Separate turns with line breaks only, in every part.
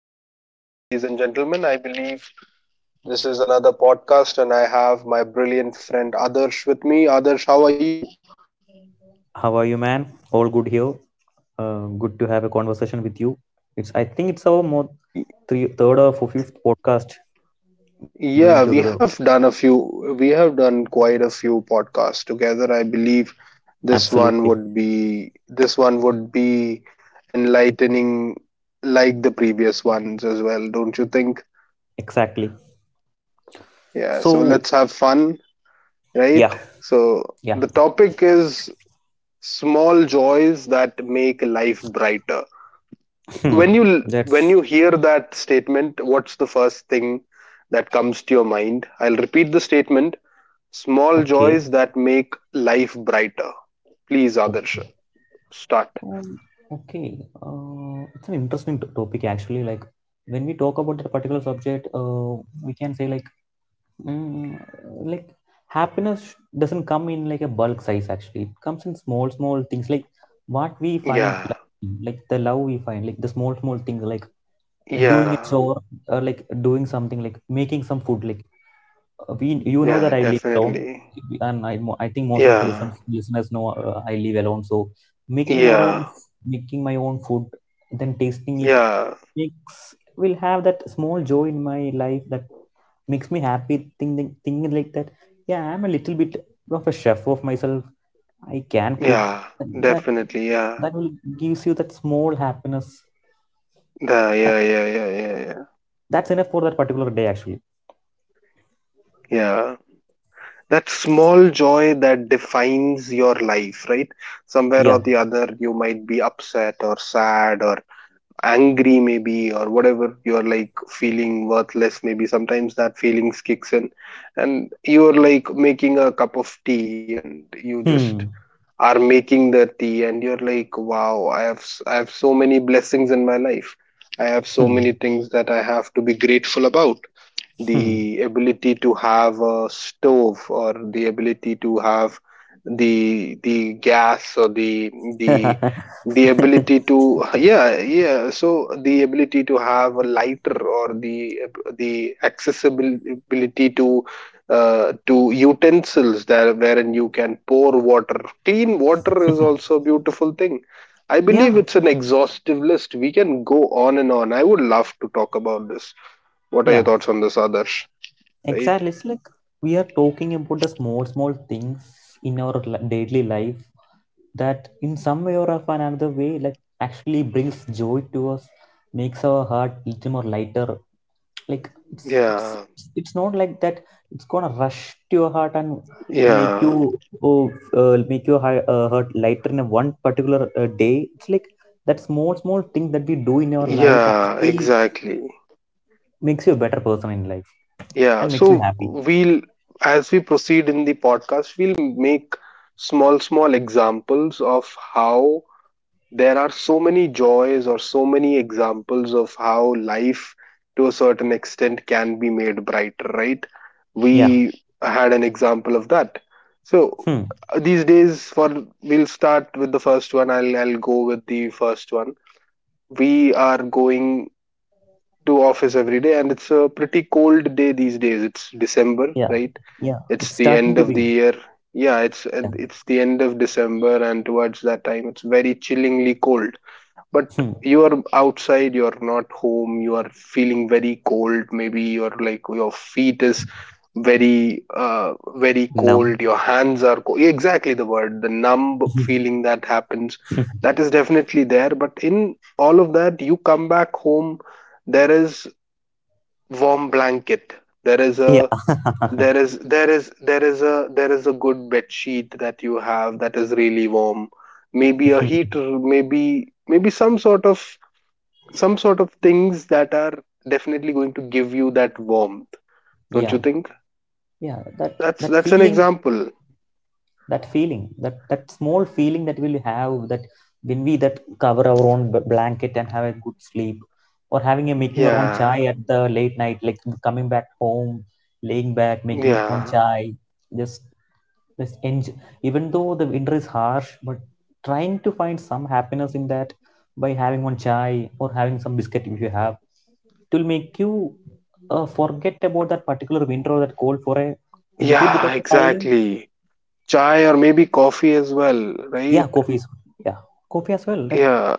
morning, ladies and gentlemen. I believe this is another podcast, and I have my brilliant friend Adarsh with me. Adarsh, how are you?
How are you, man? All good here. Good to have a conversation with you. It's I think it's our
Y-
third or fifth podcast doing
Yeah,
together.
we have done a few, we have done quite a few podcasts together. I believe this one
Absolutely,
would be, this one would be enlightening like the previous ones as well, don't you think?
exactly.
Yeah,
So
so let's have fun,
yeah,
right? So
yeah.
the topic is small joys that make life brighter.
Hmm.
when you
That's
when you hear that statement, what's the first thing that comes to your mind? I'll repeat the statement: small
okay.
joys that make life brighter. Please, Adarsh,
Okay.
start.
Um, okay. It's an interesting topic actually. Like when we talk about that particular subject, we can say like Mm, like happiness doesn't come in like a bulk size, actually it comes in small small things, like what we find
Yeah,
lovely, like the love we find, like the small small things like doing a
yeah,
chore or like doing something, like making some food, like we, you know
yeah,
that I live alone,
definitely.
and I think most of the
Yeah,
listeners know I live alone, so making our
yeah,
own making my own food, then tasting it,
yeah,
makes, will have that small joy in my life that makes me happy thinking, like that. Yeah, I'm a little bit of a chef of myself. I can cook.
yeah,
that
definitely. Yeah.
that will gives you that small happiness. that,
Yeah, yeah, yeah, yeah, yeah.
that's enough for that particular day, actually.
Yeah, that small joy that defines your life, right? Somewhere
Yeah.
or the other you might be upset or sad or angry, maybe, or whatever. You're like feeling worthless, maybe sometimes that feelings kicks in, and you're like making a cup of tea and you just
Hmm.
are making the tea, and you're like, wow, I have so many blessings in my life. I have so
Hmm.
many things that I have to be grateful about.
Hmm.
The ability to have a stove, or the ability to have the gas or the the ability to, yeah, yeah, so the ability to have a lighter, or the accessibility to, to utensils, there wherein you can pour water. Clean water is also a beautiful thing. I believe
Yeah,
it's an exhaustive list, we can go on and on. I would love to talk about this. What are your
yeah,
thoughts on this, Adarsh? Right?
exactly. It's like we are talking about the small small things in our daily life that in some way or of another way, like actually brings joy to us, makes our heart little more lighter, like it's it's
Yeah,
it's not like that it's gonna rush to your heart and make you,
yeah,
oh, make your heart lighter in a one particular day. It's like that small small thing that we do in our life
yeah,
actually
exactly.
makes you a better person in life
Yeah,
and makes you
so
happy.
we'll, as we proceed in the podcast, we'll make small, small examples of how there are so many joys or so many examples of how life to a certain extent can be made brighter, right?
Yeah.
We had an example of that. So,
Hmm.
these days, for we'll start with the first one. I'll go with the first one. We are going to office every day, and it's a pretty cold day. These days it's December,
Yeah,
right?
yeah,
It's
it's
the
starting
end
to
of
be.
the year. Yeah, it's
Yeah.
it's the end of December, and towards that time it's very chillingly cold. But
Hmm.
you are outside, you are not home, you are feeling very cold. Maybe your, like, your feet is very, very
Numb.
cold, your hands are cold. Exactly, the word, the numb feeling that happens, that is definitely there. But in all of that, you come back home. There is warm blanket, there is
Yeah.
a, there is there is there is a good bed sheet that you have that is really warm. Maybe a heater, maybe maybe some sort of some sort of things that are definitely going to give you that warmth, don't
Yeah,
you think?
yeah, that,
that's
that
that's an
feeling
example.
that feeling that small feeling that we'll have, that when we, that cover our own blanket and have a good sleep, or having, a making our own chai
Yeah,
at the late night, like coming back home, laying back, making own
yeah,
chai, just enjoy. Even though the winter is harsh, but trying to find some happiness in that by having one chai or having some biscuit, if you have it, will make you forget about that particular winter or that cold for a little bit
yeah,
of time.
exactly. Chai, or maybe coffee as well,
Yeah,
right?
coffee is, yeah, coffee as well. Yeah,
Yeah,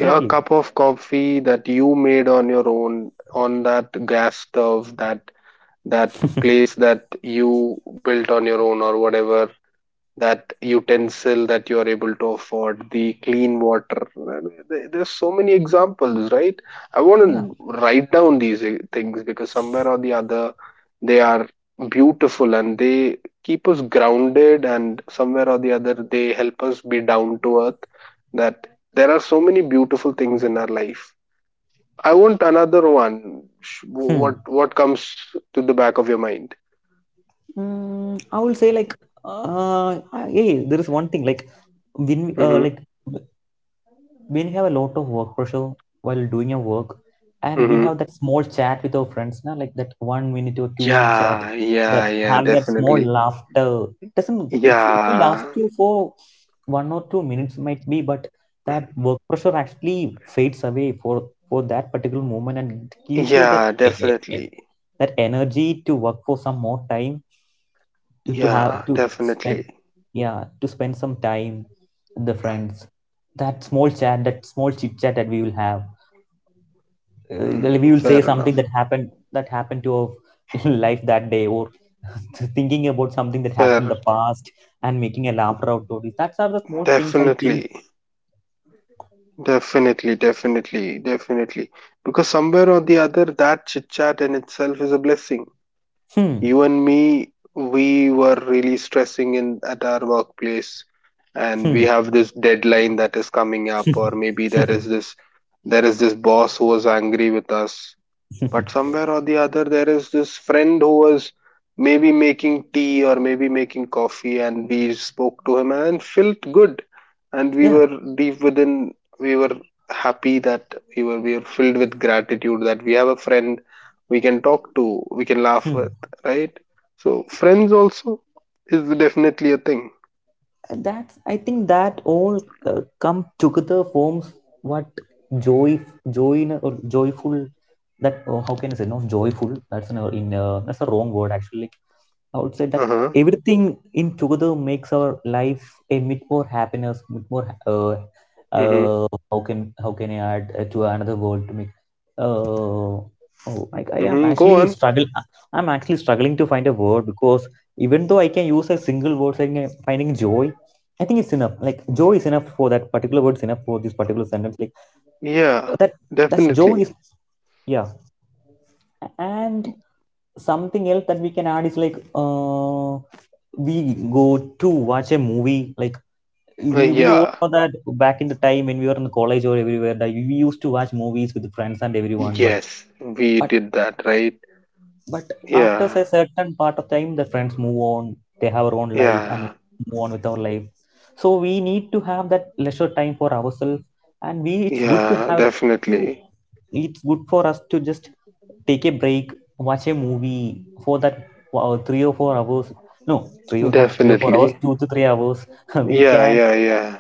a cup of coffee that you made on your own, on that gas stove, that place that you built on your own or whatever, that utensil that you are able to afford, the clean water. There's so many examples, right? I want
Yeah.
to write down these, things, because somewhere or the other, they are beautiful and they keep us grounded, and somewhere or the other, they help us be down to earth. That there are so many beautiful things in our life. I want another one.
Hmm.
What comes to the back of your mind?
I will say like yeah, there is one thing like when
Mm-hmm.
w- when we have a lot of work pressure while doing your work, and we
Mm-hmm.
have that small chat with our friends now, like that 1 minute or 2 minute chat,
Yeah,
that
yeah, yeah,
having that small
definitely.
laughter, it doesn't it's, it will
Yeah,
last you for 1 or 2 minutes might be, but that work pressure actually fades away for that particular moment, and it gives you that
yeah, definitely.
that energy to work for some more time, to
Yeah,
have to spend,
definitely.
yeah, to spend some time with the friends. That small chat, that small chit chat that we will have, like we will say
Fair
something
enough.
that happened to our life that day, or thinking about something that happened in
Fair.
the past and making a laughter out of it, that's are the small things, I think.
Definitely. Definitely, definitely, definitely. Because somewhere or the other, that chit chat in itself is a blessing.
Hmm.
You and me, we were really stressing in at our workplace, and we have this deadline that is coming up, or maybe there
Hmm.
is this there is this boss who was angry with us. But somewhere or the other, there is this friend who was maybe making tea or maybe making coffee, and we spoke to him and felt good. And we were deep within, we were happy that we were filled with gratitude that we have a friend we can talk to, we can laugh
Yeah,
with, right? So, friends also is definitely a thing.
that's, I think, that all come together forms what joy, in a, or joyful, that oh, how can I say, not joyful, that's an, in that's a wrong word actually. Like, I would say
Uh
that
huh.
everything in together makes our life a bit more happiness, bit more
Mm hmm.
uh, how can I add to another goal to make? Uh, oh, I
Mm
am
hmm. Go
actually
on.
struggle. I'm actually struggling to find a word, because even though I can use a single word saying finding joy, I think it's enough. Like, joy is enough for that particular word, is enough for this particular sentence. Like
Yeah,
that. That's, joy is,
definitely.
yeah. And something else that we can add is like we go to watch a movie, like we all
Yeah.
know that back in the time when we were in college or everywhere, that we used to watch movies with friends and everyone, but
Yes, we
but
did that, right?
but after
Yeah,
a certain part of time the friends move on, they have our own life, and we
yeah,
move on with our life, so we need to have that leisure time for ourselves, and we it's good to
yeah,
have to
definitely,
it's good for us to just take a break, watch a movie for that 3 or 4 hours, no, three or not 3 or 4 hours,
definitely.
2 to 3 hours, we
Yeah,
can
yeah, yeah.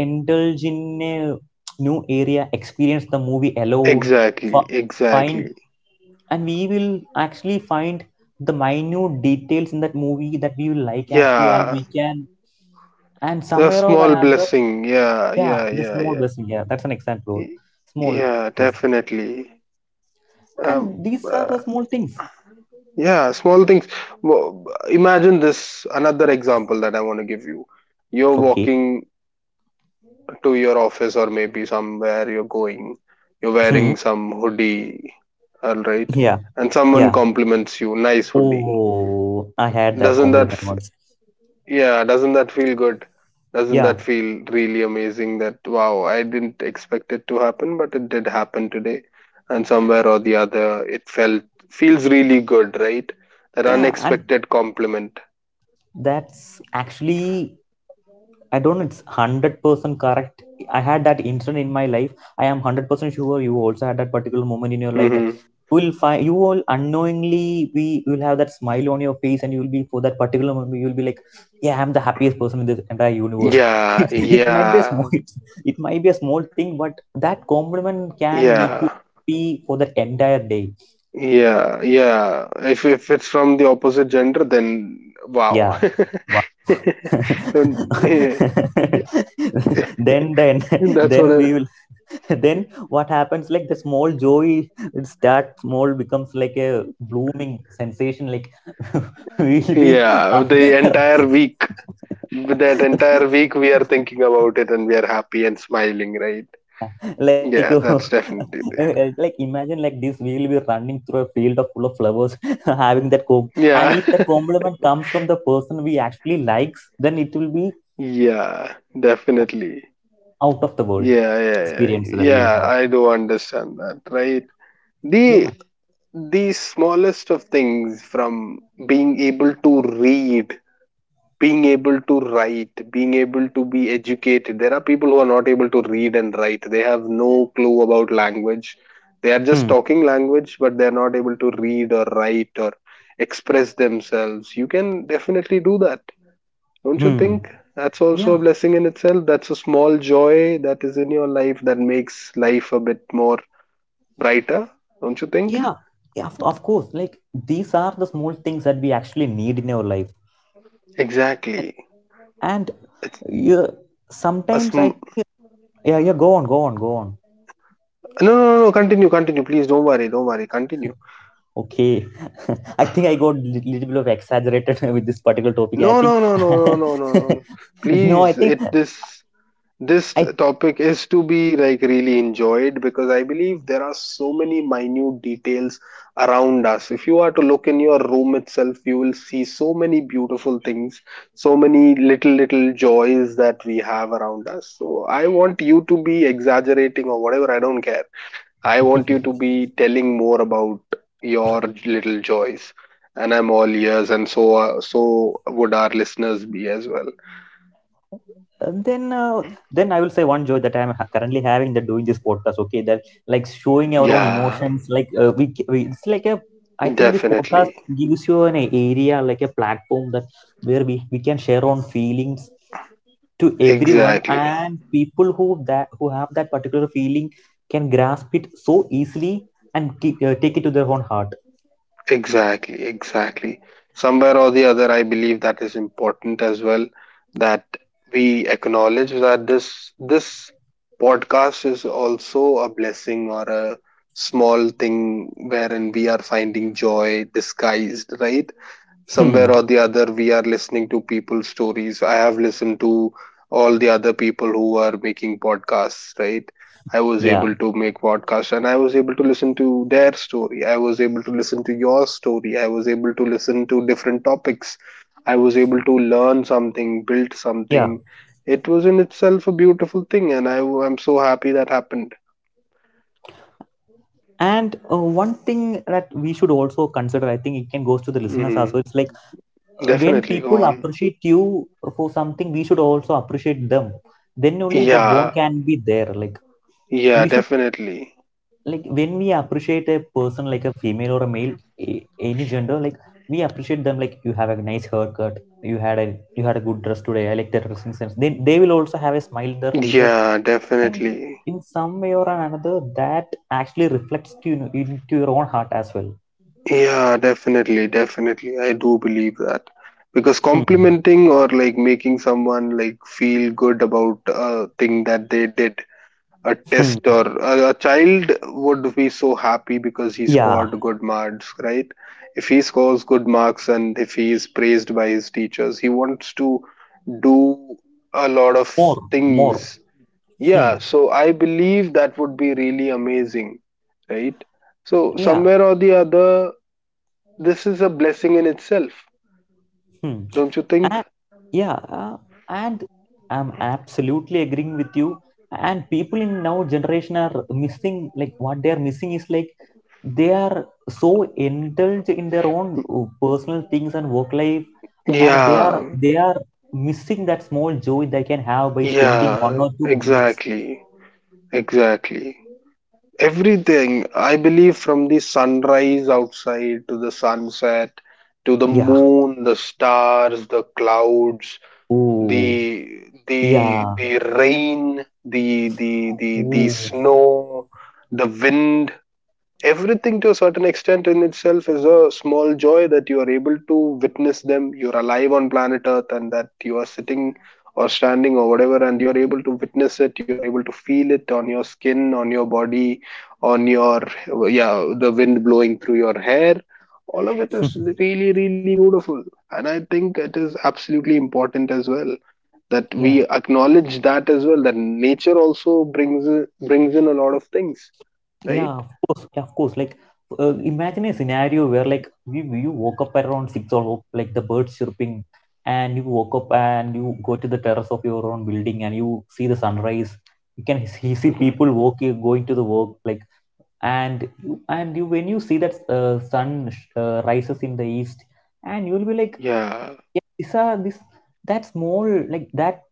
indulge in a new area, experience the movie alone,
Exactly,
f- find,
exactly.
and we will actually find the minute details in that movie that we will like actually, and
Yeah,
we can, and
a
somewhere or
small
another,
blessing. Yeah,
yeah,
yeah,
the
yeah,
small
yeah.
blessing, yeah, that's an exact word,
Y-
small
Yeah,
blessings,
definitely. Um,
and these are
uh,
the small things.
yeah, small things. Imagine this another example that I want to give you. You're
Okay.
walking to your office or maybe somewhere you're going, you're
Hmm.
wearing some hoodie, all right,
Yeah.
and someone
Yeah.
compliments you, nice hoodie.
Oh, I had that
Doesn't that,
compliment
f-
once.
Yeah, doesn't that feel good? Doesn't that
Yeah.
feel really amazing that, wow, I didn't expect it to happen, but it did happen today. And somewhere or the other, it feels really good, right? That
Yeah, and
unexpected compliment.
that's actually, I don't know, it's 100% correct. I had that incident in my life. I am 100% sure you also had that particular moment in your life, that
Mm-hmm.
you will find, you will unknowingly be, you will have that smile on your face, and you will be, for that particular moment you will be like, yeah, I'm the happiest person in this entire universe.
Yeah,
it, it might be a
yeah,
small it, it might be a small thing, but that compliment can make
yeah.
you happy for that entire day.
Yeah, yeah. If it's from the opposite gender, then wow.
Yeah.
Then, yeah, yeah.
then then
That's what.
then we will, then what happens, like, the small joy, it start small, becomes like a blooming sensation, like we'll be
Yeah,
uh,
with that entire week, we are thinking about it and we are happy and smiling, right?
like
Yeah, that's definitely there.
like, imagine like this, we will be running through a field of full of flowers, having that comp and
Yeah,
if that compliment comes from the person we actually likes, then it will be
yeah, definitely.
out of the world
Yeah, yeah, yeah.
experience that we'll
Yeah,
have.
I do understand that, right?
Yeah.
The the smallest of things, from being able to read, being able to write, being able to be educated. There are people who are not able to read and write. They have no clue about language. They are just
Hmm.
talking language, but they are not able to read or write or express themselves. You can definitely do that, don't you
Hmm.
think? That's also
Yeah,
a blessing in itself. That's a small joy that is in your life that makes life a bit more brighter, don't you think?
yeah, yeah, of course. Like, these are the small things that we actually need in our life.
Exactly.
And you
A
sometimes I
sm-
yeah, yeah, go on, go on, go on.
no, no, no, no. Continue, continue. Please don't worry, don't worry. Continue.
Okay. I think I got little bit of exaggerated with this particular topic. I
No,
think,
no, no, no, no, no, no, no, no.
no, I
Please,
think
it this this
I,
topic is to be like really enjoyed, because I believe there are so many minute details around us. If you are to look in your room itself, you will see so many beautiful things, so many little little joys that we have around us. So I want you to be exaggerating or whatever, I don't care. I want you to be telling more about your little joys, and I'm all ears, and so would our listeners be as well.
Uh, then uh, then I will say one joy that I am currently having, that doing this podcast, okay, that like showing our own
Yeah,
emotions, like we it's like a, I think this podcast
definitely,
gives you an area, like a platform that, where we can share on feelings to everyone,
exactly,
and people who that who have that particular feeling can grasp it so easily and take it to their own heart.
exactly, exactly. Somewhere or the other, I believe that is important as well. That we acknowledge that this podcast is also a blessing, or a small thing wherein we are finding joy disguised, right?
Hmm.
Somewhere or the other, we are listening to people's stories. I have listened to all the other people who are making podcasts, right? I was
Yeah,
able to make podcasts, and I was able to listen to their story. I was able to listen to your story. I was able to listen to different topics. I was able to learn something, build
yeah.
something. It was in itself a beautiful thing, and I am so happy that happened.
And one thing that we should also consider, I think it can goes to the listeners as
hmm
well. It's like when
Definitely, go
people
on.
appreciate you for something, we should also appreciate them, then only that
Yeah,
bond can be there, like
yeah,
we should,
definitely.
like when we appreciate a person, like a female or a male, any gender, like we appreciate them, like you have a nice haircut, you had a good dress today, I like that dressing sense, then they will also have a smile in their faces,
Yeah,
and
definitely.
in some way or another, that actually reflects to you into your own heart as well.
Yeah, definitely, definitely. I do believe that. Because
Hmm.
complimenting, or like making someone like feel good about a thing that they did, a
Hmm.
test, or a child would be so happy because he
Yeah,
scored good marks, right? If he scores good marks and if he is praised by his teachers, he wants to do a lot of
more, more.
things.
Hmm.
Yeah, so I believe that would be really amazing, right? So
Yeah.
somewhere or the other, this is a blessing in itself,
Hmm.
don't you think?
A- yeah, and I'm absolutely agreeing with you. And people in now generation are missing, like what they are missing is, like they are so indulged in their own personal things and work life. Are they
Yeah,
are they are missing that small joy they can have by spending
yeah,
1 or 2 minutes.
exactly, exactly. Everything, I believe, from the sunrise outside to the sunset, to the
Yeah.
moon, the stars, the clouds,
Oh.
the the
Yeah.
the rain, the
Oh.
snow, the wind, everything to a certain extent in itself is a small joy that you are able to witness them. You're alive on planet earth, and that you are sitting or standing or whatever, and you're able to witness it, you're able to feel it on your skin, on your body, on your, yeah, the wind blowing through your hair. All of it is really really beautiful, and I think it is absolutely important as well, that we
Yeah.
acknowledge that as well, that nature also brings in a lot of things, right?
Yeah, of course, yeah, of course. Like, imagine a scenario where, like you woke up at around 6 or like the birds chirping, and you woke up and you go to the terrace of your own building, and you see the sunrise. You can see people walking, going to the work, like and you when you see that sun rises in the east, and you'll be like,
Yeah.
yeah, these are this, that small, like that,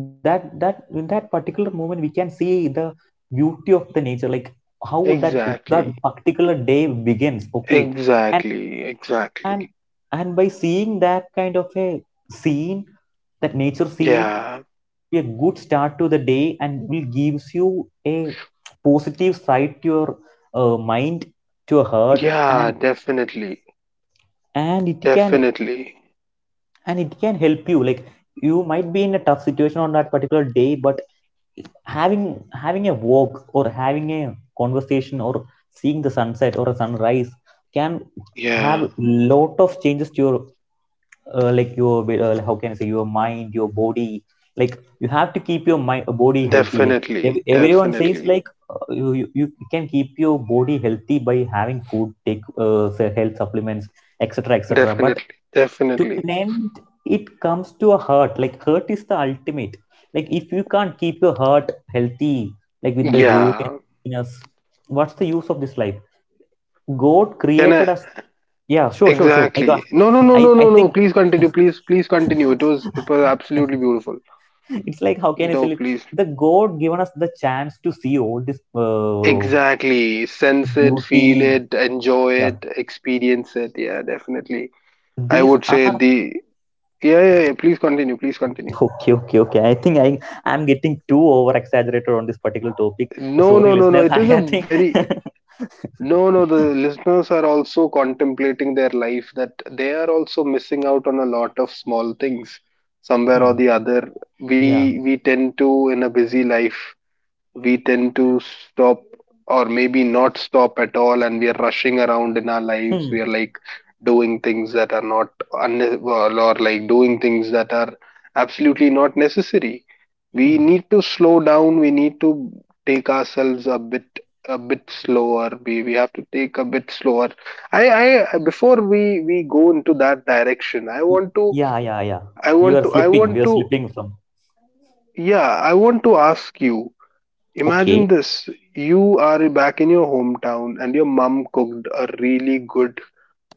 that in that particular moment we can see the beauty of the nature, like how that,
Exactly,
that particular day begins, okay. and
exactly, exactly.
and and by seeing that kind of a scene, that nature scene,
Yeah,
be a good start to the day and will gives you a positive side to your mind, to your heart.
yeah,
and
definitely,
and it can
definitely.
and it can help you, like, you might be in a tough situation on that particular day, but having having a walk or having a conversation or seeing the sunset or a sunrise can
Yeah,
have lot of changes to your like your how can I say, your mind, your body. Like, you have to keep your mind, body healthy. Like,
definitely,
everyone says,
definitely,
like you can keep your body healthy by having food, take say, health supplements, etc., etc. But
definitely,
to
definitely.
an end, it comes to a heart. Like, heart is the ultimate. Like, if you can't keep your heart healthy, like, with the joy and
Yeah,
happiness, what's the use of this life? God
can I?
created us. Yeah, sure, sure, sure, I got.
Exactly. No, no, no,
I
no,
I
no, no.
think.
Please continue. Please, please continue. It was absolutely beautiful.
It's like, how can I
No,
say it?
please.
The God given us the chance to see all this uh,
Exactly. Sense it, feel
beauty.
it, enjoy
Yeah,
it, experience it. Yeah, definitely. I
these
would say
are,
the. Yeah, yeah, yeah. Please continue. Please continue.
okay, okay, okay. I think I'm getting too over exaggerated on this particular topic.
No,
Sorry,
no, no, no.
listeners.
It
I,
is a
I think.
very, no, no.
Hmm,
The listeners are also contemplating their life that they are also missing out on a lot of small things somewhere or the other.
yeah.
We tend to, in a busy life, we tend to stop, or maybe not stop at all, and we are rushing around in our lives. We
Hmm,
are like doing things that are not or like doing things that are absolutely not necessary. We
hmm.
need to slow down. We need to take ourselves a bit, a bit slower. We have to take a bit slower. I I Before we go into that direction, I
Y-
want to
Yeah, yeah, yeah.
I
We were
want to I
slipping. We
want
were
to
slipping from.
yeah I want to ask you,
Okay.
imagine this. You are back in your hometown and your mom cooked a really good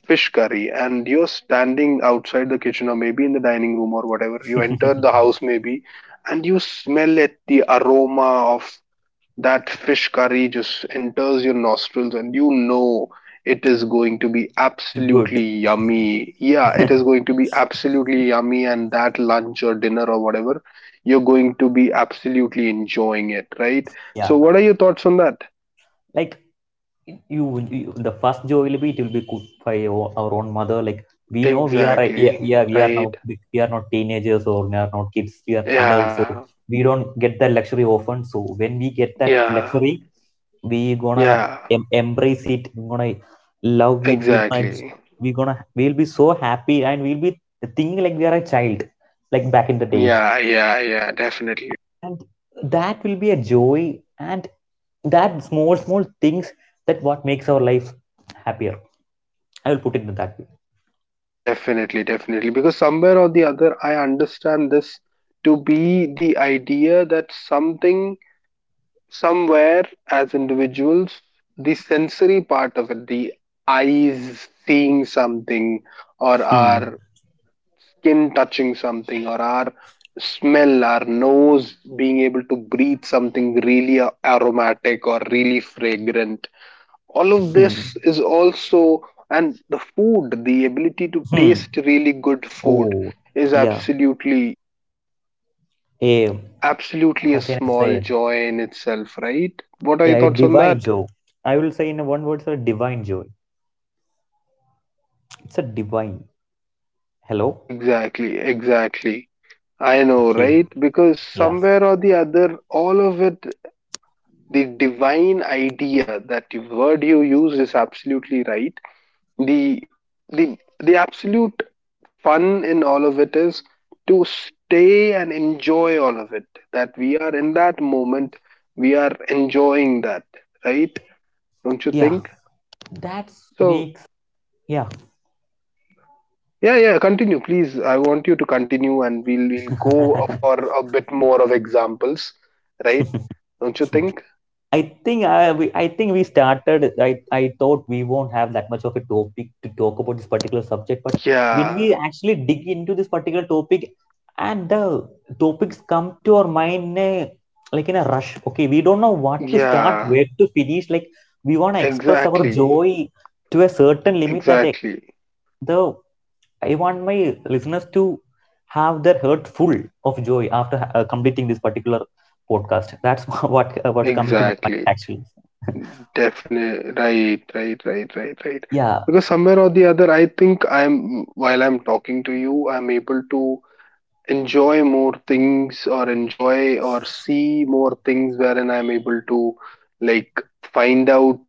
fish curry, and you're standing outside the kitchen or maybe in the dining room or whatever. You enter the house, maybe, and you smell it, the aroma of that fish curry just enters your nostrils, and you know it is going to be absolutely
Good.
yummy. Yeah, it is going to be absolutely yummy, and that lunch or dinner or whatever, you're going to be absolutely enjoying it, right? So,
Yeah.
what are your thoughts on that?
Like, you, you the first joy will be, it will be cooked by our own mother. Like, we know yeah,
Exactly,
yeah, we are now,
right?
we are not teenagers or we are not kids, we are adults, so
Yeah,
we don't get that luxury often, so when we get that
yeah,
luxury, we gonna
yeah,
embrace it, we gonna love it, we gonna
exactly.
we gonna we'll be so happy, and we'll be thinking like we are a child, like back in the days,
Yeah, yeah, yeah, definitely.
and that will be a joy, and that small things, that what makes our life happier, I will put it in that way.
Definitely, definitely. Because somewhere or the other, I understand this to be the idea that something, somewhere, as individuals, the sensory part of it, the eyes seeing something, or
Hmm.
our skin touching something, or our smell, our nose being able to breathe something really aromatic or really fragrant, all of
Hmm.
this is also, and the food, the ability to
Hmm.
taste really good food,
Oh,
is
yeah.
absolutely
A
absolutely a
How can I
small
say?
joy in itself, right? What are
Yeah,
your
a
thoughts on
divine
that?
joy. I will say in a one word, it's a divine joy. It's a divine. Hello.
Exactly, exactly. I know,
Okay.
right? Because
Yeah.
somewhere or the other, all of it, the divine idea, that the word you used is absolutely right. The the the absolute fun in all of it is to stay and enjoy all of it, that we are in that moment, we are enjoying that, right? Don't you
Yeah.
think?
That
So
makes. Yeah.
yeah, yeah, continue please. I want you to continue, and we'll go for a bit more of examples, right? Don't you think?
I think we started. I thought we won't have that much of a topic to talk about this particular subject, but when
Yeah,
we actually dig into this particular topic, and the topics come to our mind in a, like in a rush. Okay, we don't know what to start,
yeah,
where to finish. Like, we want to express our
exactly,
joy to a certain limit that
exactly,
the I want my listeners to have their heart full of joy after completing this particular podcast. That's what, what's coming to my mind
exactly.
actually.
Definitely, right, right, right, right, right.
Yeah.
Because somewhere or the other, I think I'm, while I'm talking to you, I'm able to enjoy more things or enjoy or see more things, wherein I'm able to, like, find out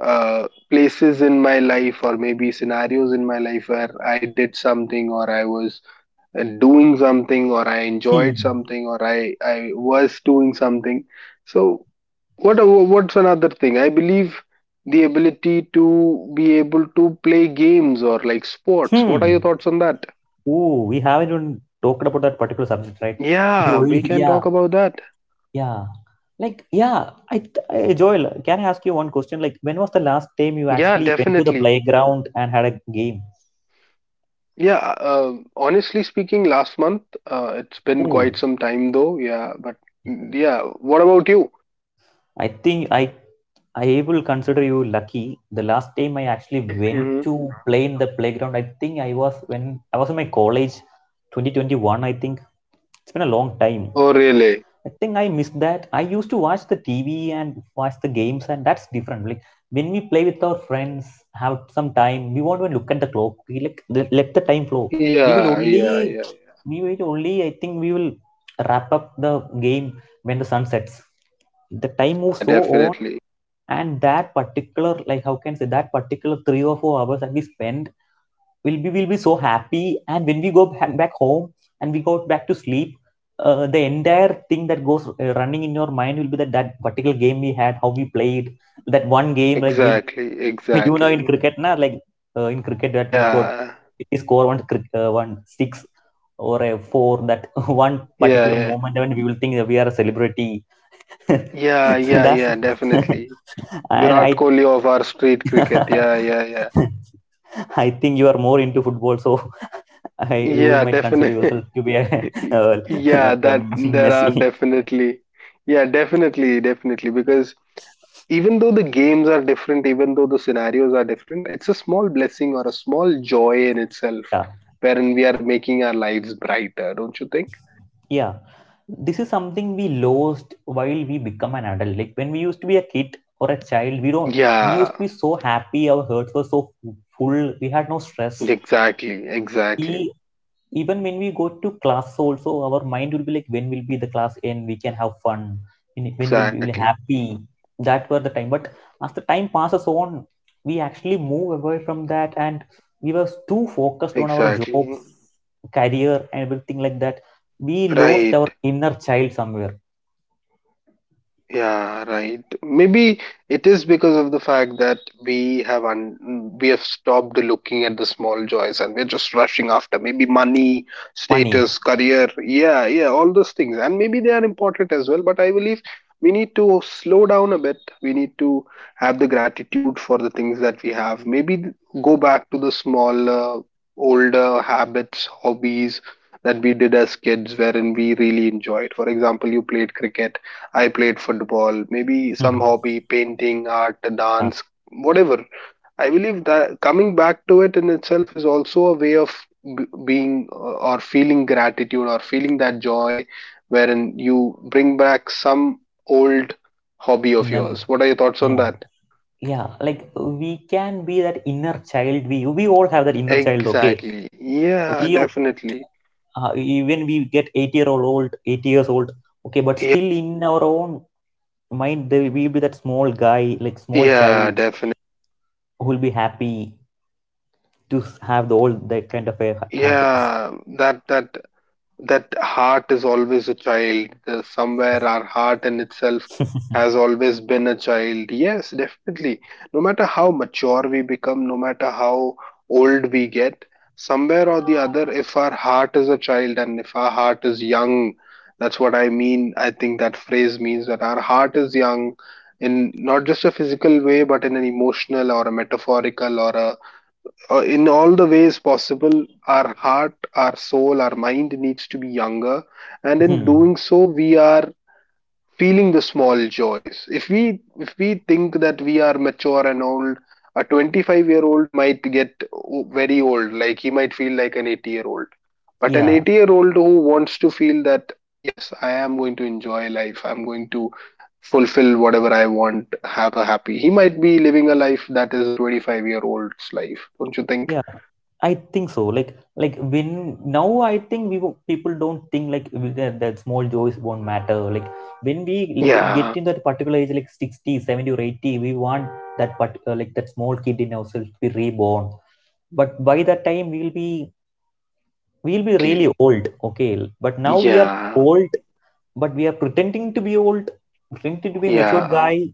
places in my life or maybe scenarios in my life where I did something or I was doing something or I enjoyed
Hmm.
something or I was doing something. So what what's another thing? I believe the ability to be able to play games or like sports. What are
Hmm.
your thoughts on that?
Oh, we haven't even talked about that particular subject, right? We
Yeah,
only,
we can
yeah,
talk about that.
yeah, like, yeah. I Joel, can I ask you one question? Like, when was the last time you
Yeah,
actually went to the
definitely.
playground and had a game?
Yeah, honestly speaking, last month, it's been quite
Oh,
some time though. Yeah, but yeah, what about you?
I think I will consider you lucky. The last time I actually
hmm
went
hmm
to play in the playground, I think I was when I was in my college, 2021. I think it's been a long time.
Oh, really?
I think I miss that. I used to watch the TV and watch the games, and that's different. Like, when we play with our friends, have some time, we won't even look at the clock. We, like, let the time flow. We will
Yeah, yeah,
only.
yeah.
We will only. I think we will wrap up the game when the sun sets. The time moves
Yeah,
so on,
definitely.
and that particular, like, how can I say, that particular 3 or 4 hours that we spend, we'll be so happy, and when we go back, home, and we go back to sleep, the entire thing that goes running in your mind will be that particular game we had, how we played that one game, like, we,
Exactly,
you know, in
exactly.
cricket, na, like in cricket, that we got,
Yeah,
we score one six or a four, that one
yeah,
particular
yeah.
moment when we will think that we are a celebrity.
Yeah, yeah,
That's
yeah, definitely.
and I.
Virat Kohli of our street cricket. Yeah, yeah, yeah.
I think you are more into football, so you will
Yeah,
might consider
definitely.
yourself to be a, uh,
Yeah,
the
that there are
Messi.
definitely. Yeah, definitely, definitely. Because even though the games are different, even though the scenarios are different, it's a small blessing or a small joy in itself,
Yeah,
wherein we are making our lives brighter, don't you think?
yeah. This is something we lost while we become an adult. Like, when we used to be a kid or a child, we don't. We used to
Yeah,
be so happy. Our hearts were so full. We had no stress.
exactly, exactly,
We, even when we go to class also, our mind will be like, when will be the class end, we can have fun, when will we be
exactly,
happy, that were the time, but as the time passes on, we actually move away from that, and we were too focused on our
exactly.
jobs, career, and everything like that, we lost
Right.
our inner child somewhere.
Yeah, right. Maybe it is because of the fact that we have stopped looking at the small joys, and we're just rushing after maybe money,
Money.
status, career. Yeah, yeah, all those things. And maybe they are important as well, but I believe we need to slow down a bit. We need to have the gratitude for the things that we have. Go back to the smaller, older habits, hobbies that we did as kids wherein we really enjoyed. For example, you played cricket, I played football, maybe some
Mhm.
hobby, painting, art,
Yeah.
dance, whatever. I believe that coming back to it in itself is also a way of being or feeling gratitude or feeling that joy, wherein you bring back some old hobby of
Mem-
yours. What are your thoughts on that?
yeah, yeah, like, we can be that inner child, we all have that inner child, okay.
Exactly. Yeah,
We,
definitely.
even we get 80-year old, 80 years old, okay, but still in our own mind there will be that small guy, like, small
Yeah,
child,
definitely.
who will be happy to have the all that kind of a happiness.
Yeah, that that heart is always a child. Somewhere our heart in itself has always been a child. Yes, definitely. No matter how mature we become, no matter how old we get, somewhere or the other, if our heart is a child and if our heart is young, that's what I mean. I think that phrase means that our heart is young, in not just a physical way, but in an emotional or a metaphorical or a in all the ways possible. Our heart, our soul, our mind needs to be younger, and in doing so, we are feeling the small joys. If we think that we are mature and old, a 25-year-old might get very old, like he might feel like an 80-year old. But an
Yeah.
80-year-old who wants to feel that, yes, I am going to enjoy life, I'm going to fulfill whatever I want, have a happy, he might be living a life that is a 25-year old's life, don't you think?
Yeah, I think so. Like, when now I think people don't think like with that, small joys won't matter. Like, when we get
Yeah,
in that particular age like 60, 70, or 80, we want that part, like, that small kid in ourselves to be reborn. But by that time we'll be really
exactly.
old. Okay. But now we are
Yeah,
old, but we are pretending to be old, pretending to be matured
yeah,
guy,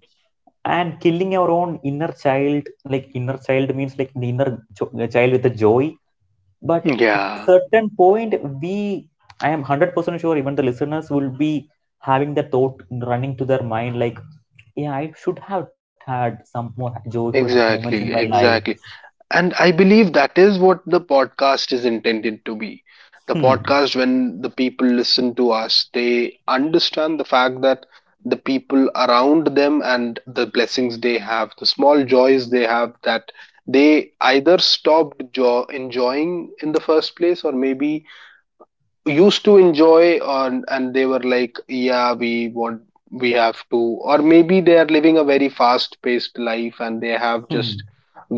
and killing our own inner child. Like, inner child means, like, the inner child with the joy. But at a
yeah,
certain point, we, I am 100% sure even the listeners will be having the thought running to their mind, like, yeah, I should have had some more joyful moments in my
exactly,
life.
exactly. And I believe that is what the podcast is intended to be. The
Hmm.
podcast, when the people listen to us, they understand the fact that the people around them and the blessings they have, the small joys they have, that they either stopped jo enjoying in the first place, or maybe used to enjoy on, and they were like, yeah, we want, we have to, or maybe they are living a very fast paced life and they have
Hmm.
just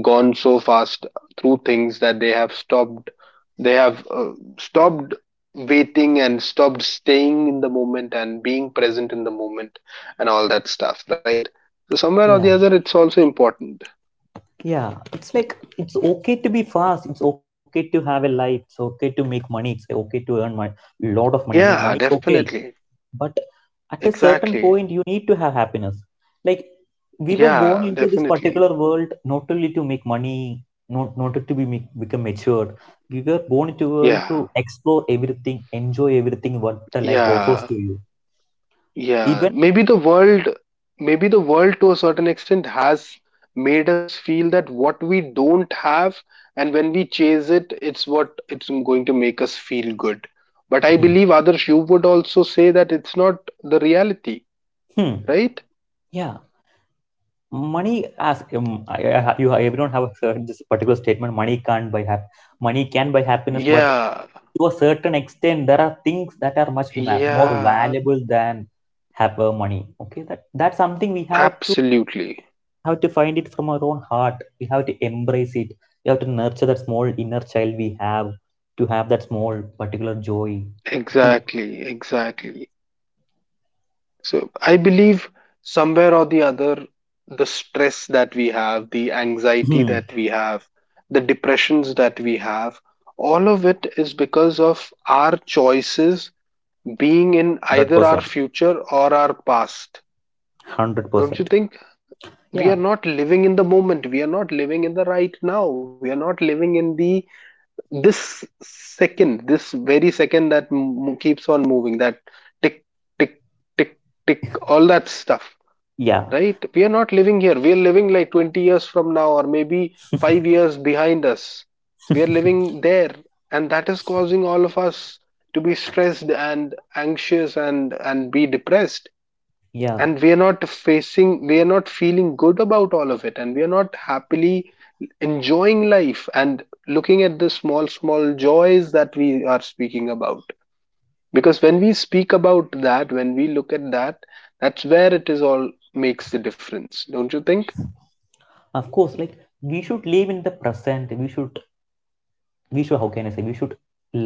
gone so fast through things that they have stopped, they have stopped waiting and stopped staying in the moment and being present in the moment and all that stuff, right? So somewhere or
Yeah.
the other, it's also important.
Yeah. It's like, it's okay to be fast. It's okay to have a life. It's okay to make money. It's okay to earn my lot of money. I mean, money
Yeah,
is okay.
definitely.
But at a certain
Exactly.
point, you need to have happiness. Like, we were
Yeah,
born into this
definitely.
particular world not only to make money, not to be make, become matured. We were born into a world to
Yeah,
explore everything, enjoy everything what the life offers
yeah.
to you,
Yeah,
even.
maybe the world to a certain extent has made us feel that what we don't have, and when we chase it, it's what it's going to make us feel good. But I
Hmm,
believe, Adarsh, you would also say that it's not the reality,
hmm,
right?
yeah. Money as, you, everyone have heard this particular statement, money can't buy money can buy happiness, but
Yeah,
to a certain extent there are things that are much more
yeah,
valuable than have money, okay, that that's something we have to
absolutely.
have to find it from our own heart. We have to embrace it, we have to nurture that small inner child, we have to have that small particular joy to.
Exactly, exactly. So I believe somewhere or the other, the stress that we have, the anxiety
Hmm.
that we have, the depressions that we have, all of it is because of our choices being in either our
100%
future or our past. Don't you
100%.
think? We
Yeah,
are not living in the moment. We are not living in the right now. We are not living in the this second, this very second that keeps on moving, that tick, tick, tick, tick, all that stuff,
yeah,
right? We are not living here, we are living like 20 years from now, or maybe 5 years behind us, we are living there, and that is causing all of us to be stressed and anxious and be depressed,
yeah.
and we are not facing, we are not feeling good about all of it, and we are not happily enjoying life and looking at the small small joys that we are speaking about, because when we speak about that, when we look at that, that's where it is all makes the difference, don't you think?
Of course, like, we should live in the present, we should how can I say, we should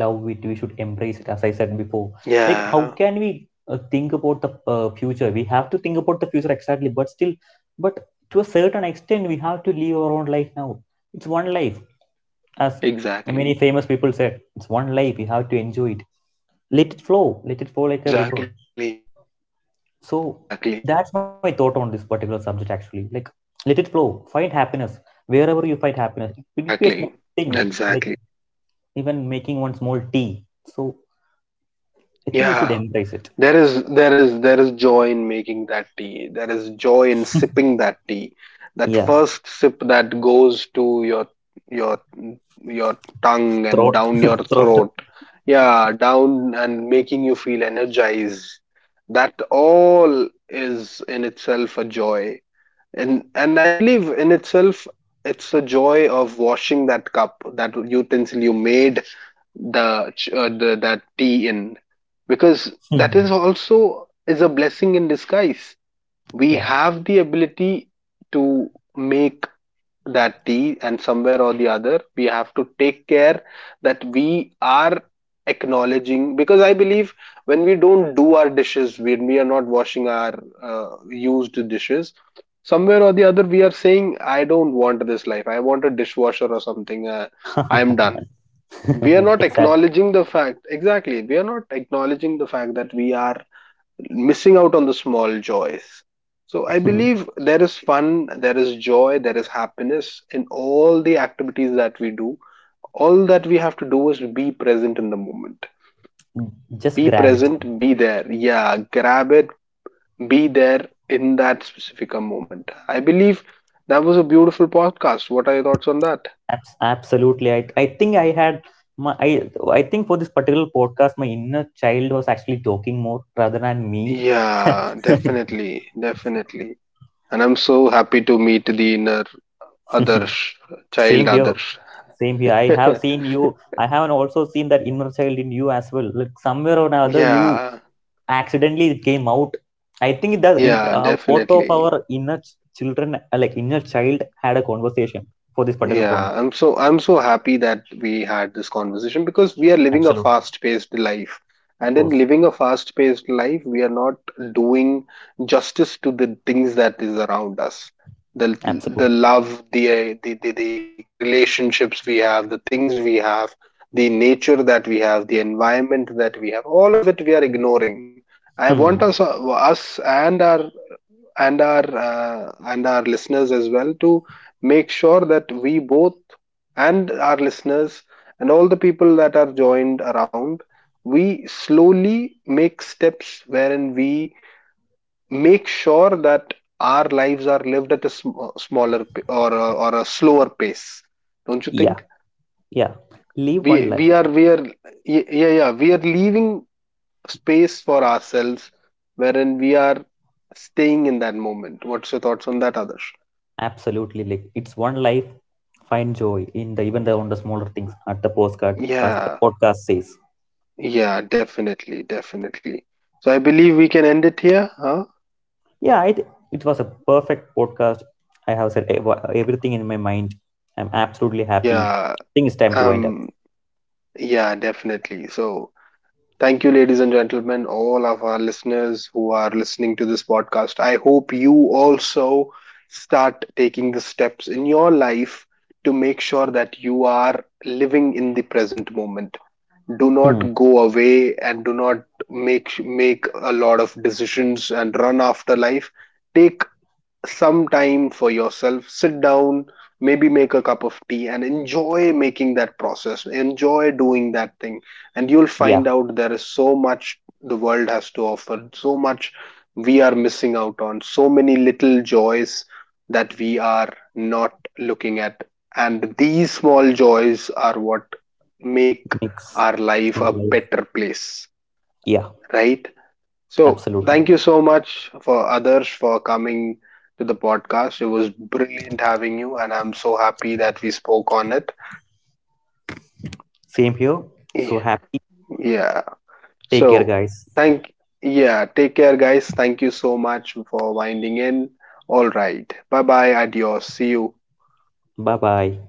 love it, we should embrace it, as I said before. Like, how
Yeah,
can we think about the future, we have to think about the future, exactly, but still, but to a certain extent, we have to live our own life now. It's one life, as many
exactly,
famous people said, it's one life, you have to enjoy it, let it flow, let it flow like a river.
exactly,
So,
exactly,
that's my thought on this particular subject actually. Like, let it flow. Find happiness. Wherever you find happiness. It will be a small
exactly,
thing. Like,
exactly.
even making one small tea. So, I think you
Yeah.
should embrace it.
There is joy in making that tea. There is joy in sipping that tea. That
Yeah.
first sip that goes to your your tongue and
Throat.
down your
Throat.
throat. Yeah, down and making you feel energized. That all is in itself a joy. And I believe in itself it's a joy of washing that cup, that utensil you made the, the, that tea in, because that
Hmm.
is also is a blessing in disguise. We
Yeah.
have the ability to make that tea, and somewhere or the other we have to take care that we are acknowledging, because I believe when we don't do our dishes, when we are not washing our used dishes, somewhere or the other we are saying, I don't want this life, I want a dishwasher or something, I am done. We are not
Exactly.
acknowledging the fact, exactly, we are not acknowledging the fact that we are missing out on the small joys. So I
Hmm.
believe there is fun, there is joy, there is happiness in all the activities that we do. All that we have to do is be present in the moment.
Just
Be
grab it.
present, be there, yeah, grab it, be there in that specific moment. I believe that was a beautiful podcast. What are your thoughts on that?
Absolutely. I think I had my, I think for this particular podcast my inner child was actually talking more rather than me.
Yeah, definitely, definitely. And I'm so happy to meet the inner others,
Same
child
here.
others.
Same here. I have seen you. I haven't also seen that inner child in you as well. Like, somewhere or another, you
Yeah,
accidentally it came out. I think that in
yeah,
both of
definitely.
our inner children, like, inner child, had a conversation for this particular con.
Yeah, I'm so, I'm so happy that we had this conversation, because we are living a
Absolutely,
fast-paced life.
of
And in
course.
living a fast-paced life, we are not doing justice to the things that is around us. The the
Absolutely.
love, the the relationships we have, the things we have, the nature that we have, the environment that we have, all of it we are ignoring. I
Hmm.
want us and our, and our listeners as well, to make sure that we both and our listeners and all the people that are joined around, we slowly make steps wherein we make sure that our lives are lived at a smaller or a slower pace, don't you
Yeah.
think?
Yeah. Live
we
one life.
we are we are yeah, yeah, yeah, we are leaving space for ourselves wherein we are staying in that moment. What's your thoughts on that, others?
Absolutely. Like, it's one life. Find joy in the, even the, on the smaller things. At the postcard, as the
Yeah,
podcast says.
yeah, definitely, definitely. So I believe we can end it here, huh?
Yeah, it was a perfect podcast. I have said everything in my mind. I'm absolutely happy.
Yeah,
I think it's time to wind up.
um, yeah, definitely. So thank you, ladies and gentlemen, all of our listeners who are listening to this podcast. I hope you also start taking the steps in your life to make sure that you are living in the present moment. Do
Hmm.
not go away and do not make a lot of decisions and run after life. Take some time for yourself, sit down, maybe make a cup of tea and enjoy making that process, enjoy doing that thing, and you'll
Yeah,
find out there is so much the world has to offer, so much we are missing out on, so many little joys that we are not looking at, and these small joys are what make
mix
our life
our
a
life.
better place,
Yeah,
right? So
absolutely.
thank you so much for others for coming to the podcast. It was brilliant having you, and I'm so happy that we spoke on it.
Same here. So
Y-
happy.
Yeah.
Take care,
So
guys.
thank, yeah. Take care, guys. Thank you so much for winding in. All right. Bye bye. Adios. See you.
Bye bye.